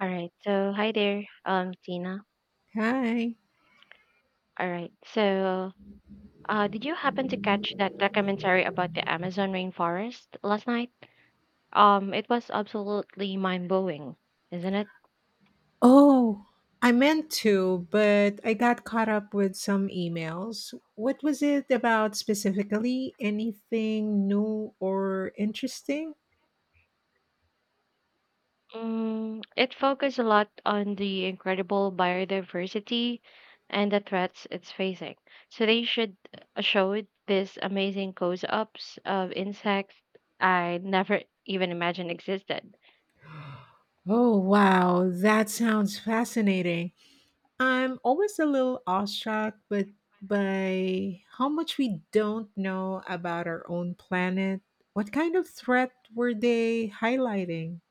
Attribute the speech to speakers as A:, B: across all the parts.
A: All right. Hi there, Tina.
B: Hi.
A: All right. Did you happen to catch that documentary about the Amazon rainforest last night? It was absolutely mind-blowing, isn't it?
B: Oh, I meant to, but I got caught up with some emails. What was it about specifically? Anything new or interesting?
A: Mm, it focused a lot on the incredible biodiversity and the threats it's facing. So they should showed this amazing close-ups of insects I never even imagined existed.
B: Oh, wow. That sounds fascinating. I'm always a little awestruck but by how much we don't know about our own planet. What kind of threat were they highlighting?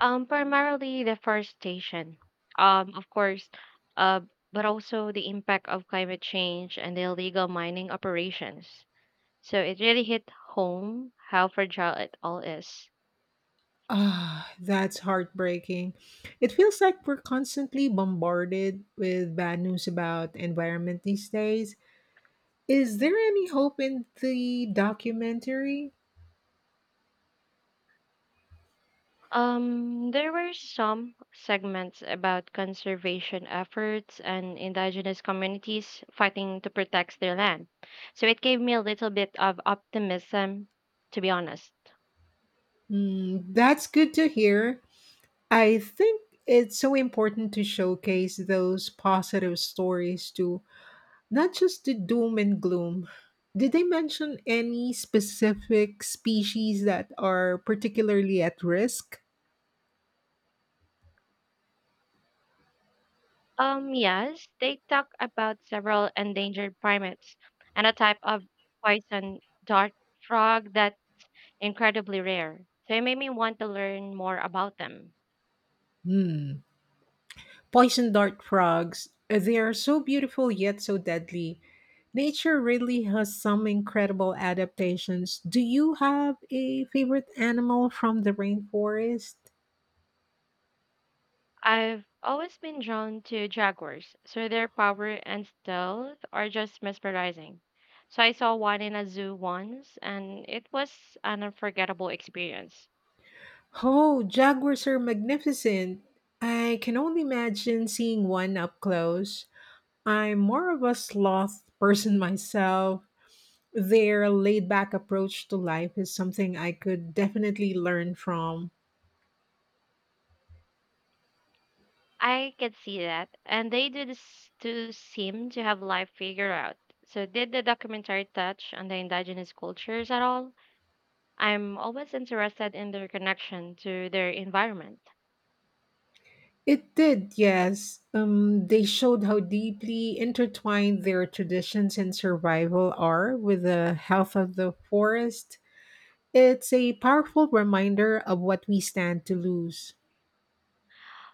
A: Primarily deforestation. Of course, uh, but also the impact of climate change and the illegal mining operations. So it really hit home how fragile it all is.
B: Ah, that's heartbreaking. It feels like we're constantly bombarded with bad news about environment these days. Is there any hope in the documentary?
A: There were some segments about conservation efforts and indigenous communities fighting to protect their land. So it gave me a little bit of optimism, to be honest.
B: Mm, that's good to hear. I think it's so important to showcase those positive stories too, not just the doom and gloom. Did they mention any specific species that are particularly at risk?
A: Yes, they talk about several endangered primates and a type of poison dart frog that's incredibly rare. So it made me want to learn more about them.
B: Hmm. Poison dart frogs, they are so beautiful yet so deadly. Nature really has some incredible adaptations. Do you have a favorite animal from the rainforest?
A: I've always been drawn to jaguars, so their power and stealth are just mesmerizing. So I saw one in a zoo once, and it was an unforgettable experience.
B: Oh, jaguars are magnificent. I can only imagine seeing one up close. I'm more of a sloth person myself. Their laid back approach to life is something I could definitely learn from.
A: I can see that. And they do this to seem to have life figured out. So did the documentary touch on the indigenous cultures at all? I'm always interested in their connection to their environment.
B: It did, yes. They showed how deeply intertwined their traditions and survival are with the health of the forest. It's a powerful reminder of what we stand to lose.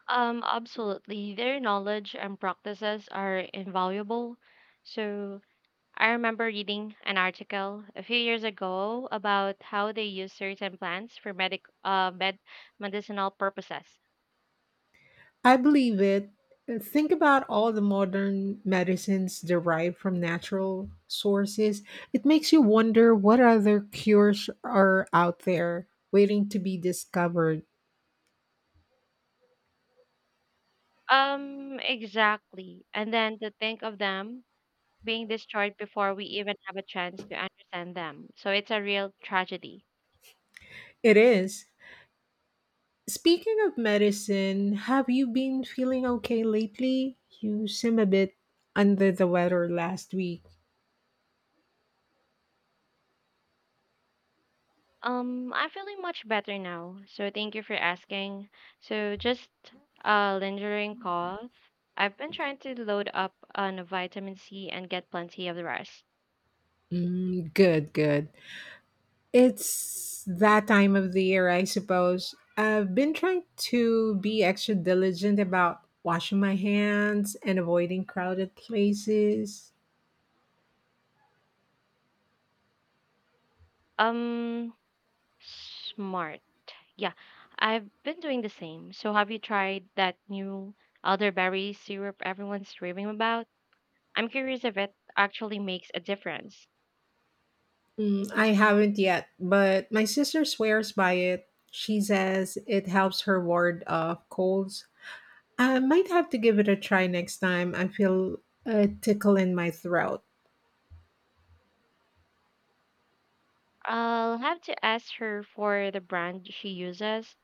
A: Absolutely. Their knowledge and practices are invaluable. So I remember reading an article a few years ago about how they use certain plants for medicinal purposes.
B: I believe it. Think about all the modern medicines derived from natural sources. It makes you wonder what other cures are out there waiting to be discovered.
A: Exactly. And then to think of them being destroyed before we even have a chance to understand them. So it's a real tragedy.
B: It is. Speaking of medicine, have you been feeling okay lately? You seem a bit under the weather last week.
A: I'm feeling much better now. So thank you for asking. So just a lingering cough. I've been trying to load up on vitamin C and get plenty of the rest.
B: Mm, good, good. It's that time of the year, I suppose. I've been trying to be extra diligent about washing my hands and avoiding crowded places.
A: Um, Smart. Yeah, I've been doing the same. So have you tried that new elderberry syrup everyone's raving about? I'm curious if it actually makes a difference.
B: Mm, I haven't yet, but my sister swears by it. She says it helps her ward off colds. I might have to give it a try next time I feel a tickle in my throat.
A: I'll have to ask her for the brand she uses.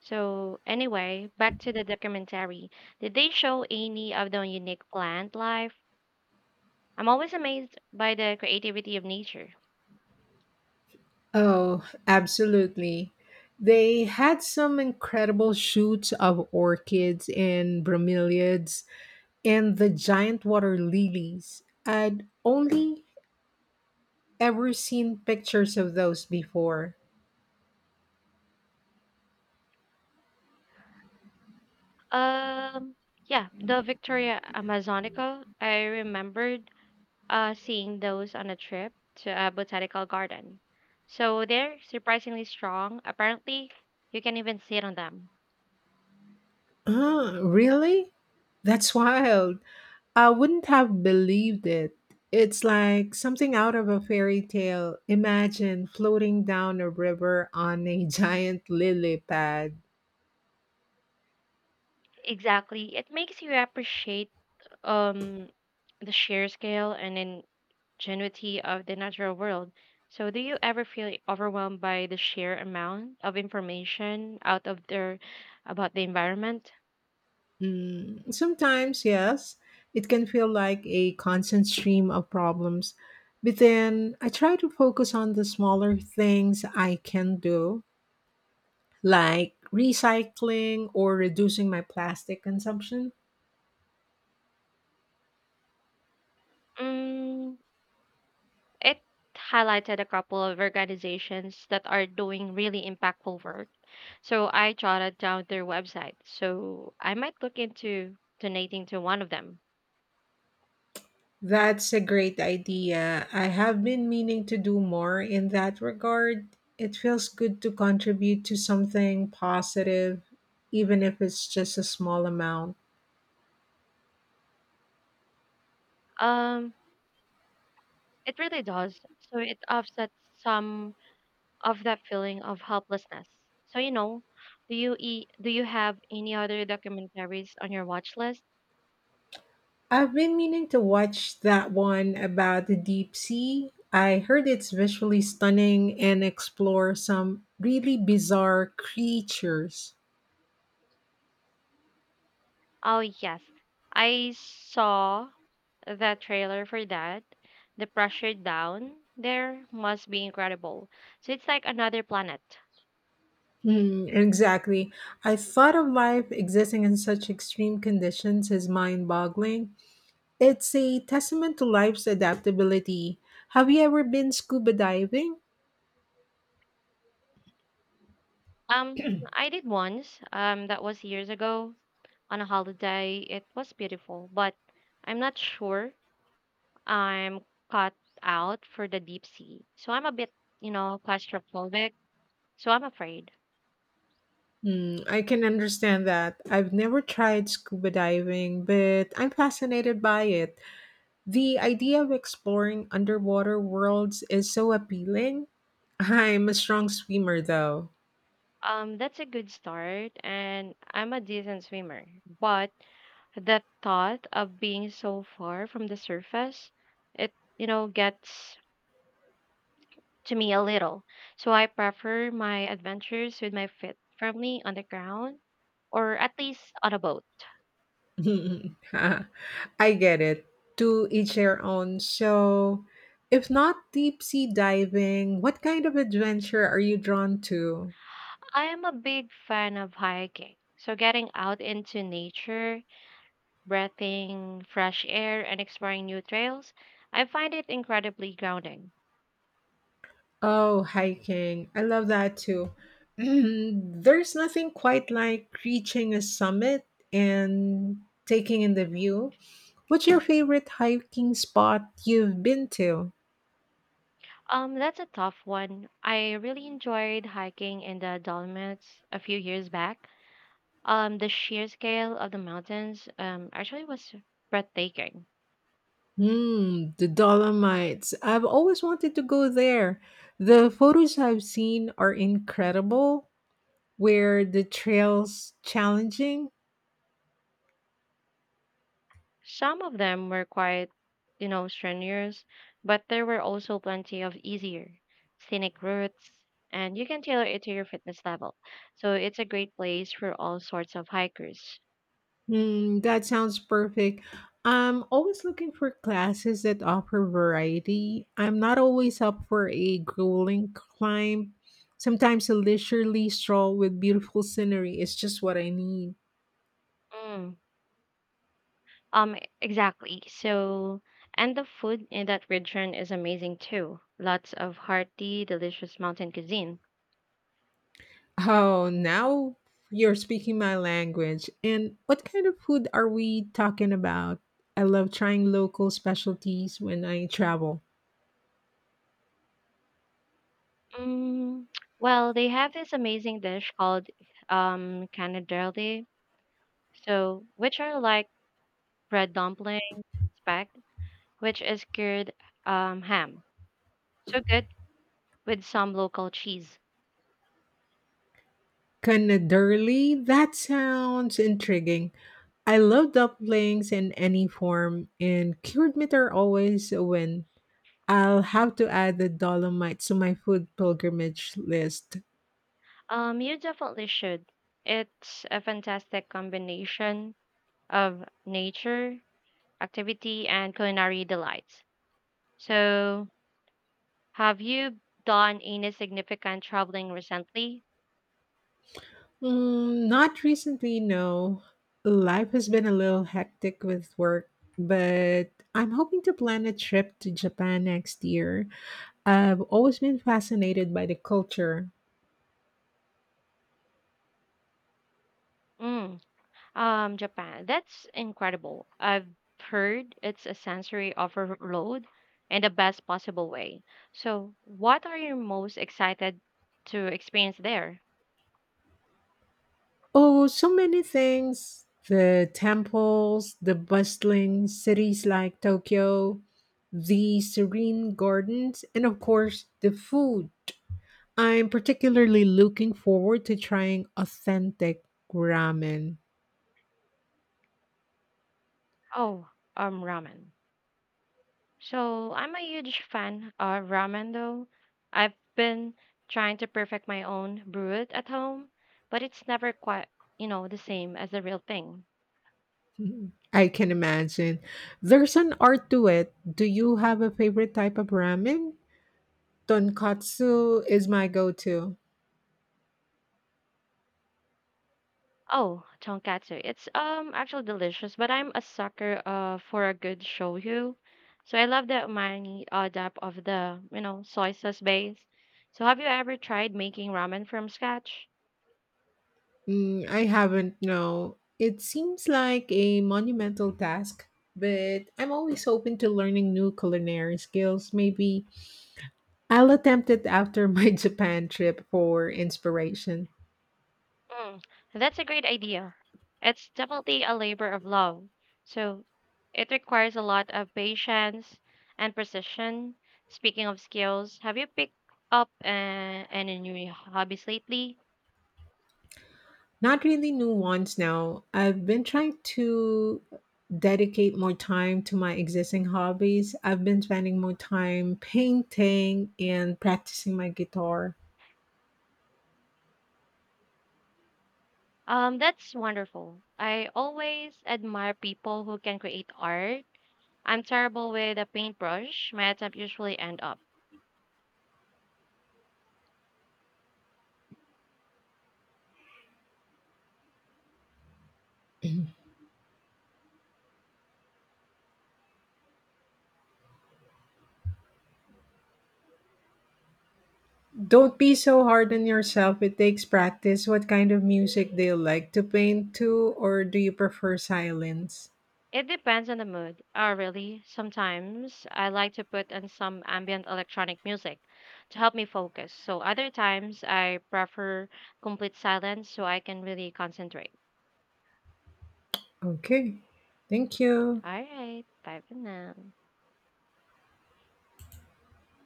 A: So, anyway, back to the documentary. Did they show any of the unique plant life? I'm always amazed by the creativity of nature.
B: Oh, absolutely. They had some incredible shoots of orchids and bromeliads and the giant water lilies. I'd only ever seen pictures of those before.
A: Um, yeah, the Victoria Amazonica. I remembered seeing those on a trip to a botanical garden. So they're surprisingly strong. Apparently, you can even sit on them.
B: Ah, really? That's wild. I wouldn't have believed it. It's like something out of a fairy tale. Imagine floating down a river on a giant lily pad.
A: Exactly. It makes you appreciate um the sheer scale and ingenuity of the natural world. So do you ever feel overwhelmed by the sheer amount of information out of there about the environment?
B: Mm, sometimes, yes, it can feel like a constant stream of problems. But then I try to focus on the smaller things I can do, like recycling or reducing my plastic consumption.
A: Mm, it highlighted a couple of organizations that are doing really impactful work. So I jotted down their website. So I might look into donating to one of them.
B: That's a great idea. I have been meaning to do more in that regard. It feels good to contribute to something positive, even if it's just a small amount.
A: Um It really does. So it offsets some of that feeling of helplessness. So do you have any other documentaries on your watch list?
B: I've been meaning to watch that one about the deep sea. I heard it's visually stunning and explore some really bizarre creatures.
A: Oh yes, I saw the trailer for that. The pressure down there must be incredible. So it's like another planet.
B: Hmm, exactly. I thought of life existing in such extreme conditions is mind boggling. It's a testament to life's adaptability. Have you ever been scuba diving?
A: Um, I did once. That was years ago on a holiday. It was beautiful, but I'm not sure I'm cut out for the deep sea. So I'm a bit, claustrophobic. So I'm afraid.
B: Hmm, I can understand that. I've never tried scuba diving, but I'm fascinated by it. The idea of exploring underwater worlds is so appealing. I'm a strong swimmer, though.
A: That's a good start, and I'm a decent swimmer. But the thought of being so far from the surface, it, gets to me a little. So I prefer my adventures with my feet firmly on the ground or at least on a boat.
B: I get it. To each their own. So, if not deep sea diving, what kind of adventure are you drawn to?
A: I am a big fan of hiking. So getting out into nature breathing fresh air, and exploring new trails, I find it incredibly grounding.
B: Oh, hiking. I love that too. There's nothing quite like reaching a summit and taking in the view. What's your favorite hiking spot you've been to?
A: That's a tough one. I really enjoyed hiking in the Dolomites a few years back. The sheer scale of the mountains actually was breathtaking.
B: Hmm, the Dolomites. I've always wanted to go there. The photos I've seen are incredible. Where the trail's challenging?
A: Some of them were quite, strenuous, but there were also plenty of easier, scenic routes, and you can tailor it to your fitness level. So it's a great place for all sorts of hikers.
B: Hmm, that sounds perfect. I'm always looking for classes that offer variety. I'm not always up for a grueling climb. Sometimes a leisurely stroll with beautiful scenery is just what I need.
A: Mm. Um, exactly. So, and the food in that region is amazing too. Lots of hearty, delicious mountain cuisine.
B: Oh, now you're speaking my language. And what kind of food are we talking about? I love trying local specialties when I travel.
A: Mm, well, they have this amazing dish called canadelle, so which are like bread dumplings, spag, which is cured ham. So good with some local cheese.
B: Canaderly? That sounds intriguing. I love dumplings in any form, and cured meat are always a win. I'll have to add the Dolomites to my food pilgrimage list.
A: You definitely should. It's a fantastic combination of nature, activity, and culinary delights. So, have you done any significant traveling recently?
B: Mm, not recently, no. Life has been a little hectic with work, but I'm hoping to plan a trip to Japan next year. I've always been fascinated by the culture.
A: Mm, Japan. That's incredible. I've heard it's a sensory overload in the best possible way. So, what are you most excited to experience there?
B: Oh, so many things. The temples, the bustling cities like Tokyo, the serene gardens, and of course, the food. I'm particularly looking forward to trying authentic ramen.
A: Oh, ramen. So, I'm a huge fan of ramen, though. I've been trying to perfect my own brew it at home, but it's never quite, the same as the real thing.
B: Mhm. I can imagine. There's an art to it. Do you have a favorite type of ramen? Tonkatsu is my go-to.
A: Oh, tonkatsu. It's actually delicious, but I'm a sucker for a good shoyu. So I love the umami depth of the, soy sauce base. So have you ever tried making ramen from scratch?
B: Mm, I haven't, no. It seems like a monumental task, but I'm always open to learning new culinary skills. Maybe I'll attempt it after my Japan trip for inspiration.
A: Mm, that's a great idea. It's definitely a labor of love. So it requires a lot of patience and precision. Speaking of skills, have you picked up any new hobbies lately?
B: Not really new ones now. I've been trying to dedicate more time to my existing hobbies. I've been spending more time painting and practicing my guitar.
A: That's wonderful. I always admire people who can create art. I'm terrible with a paintbrush. My attempts usually end up.
B: Don't be so hard on yourself. It takes practice. What kind of music do you like to paint to, or do you prefer silence?
A: It depends on the mood. Oh, really? Sometimes I like to put on some ambient electronic music to help me focus. So other times I prefer complete silence so I can really concentrate.
B: Okay. Thank you.
A: All right, bye for now.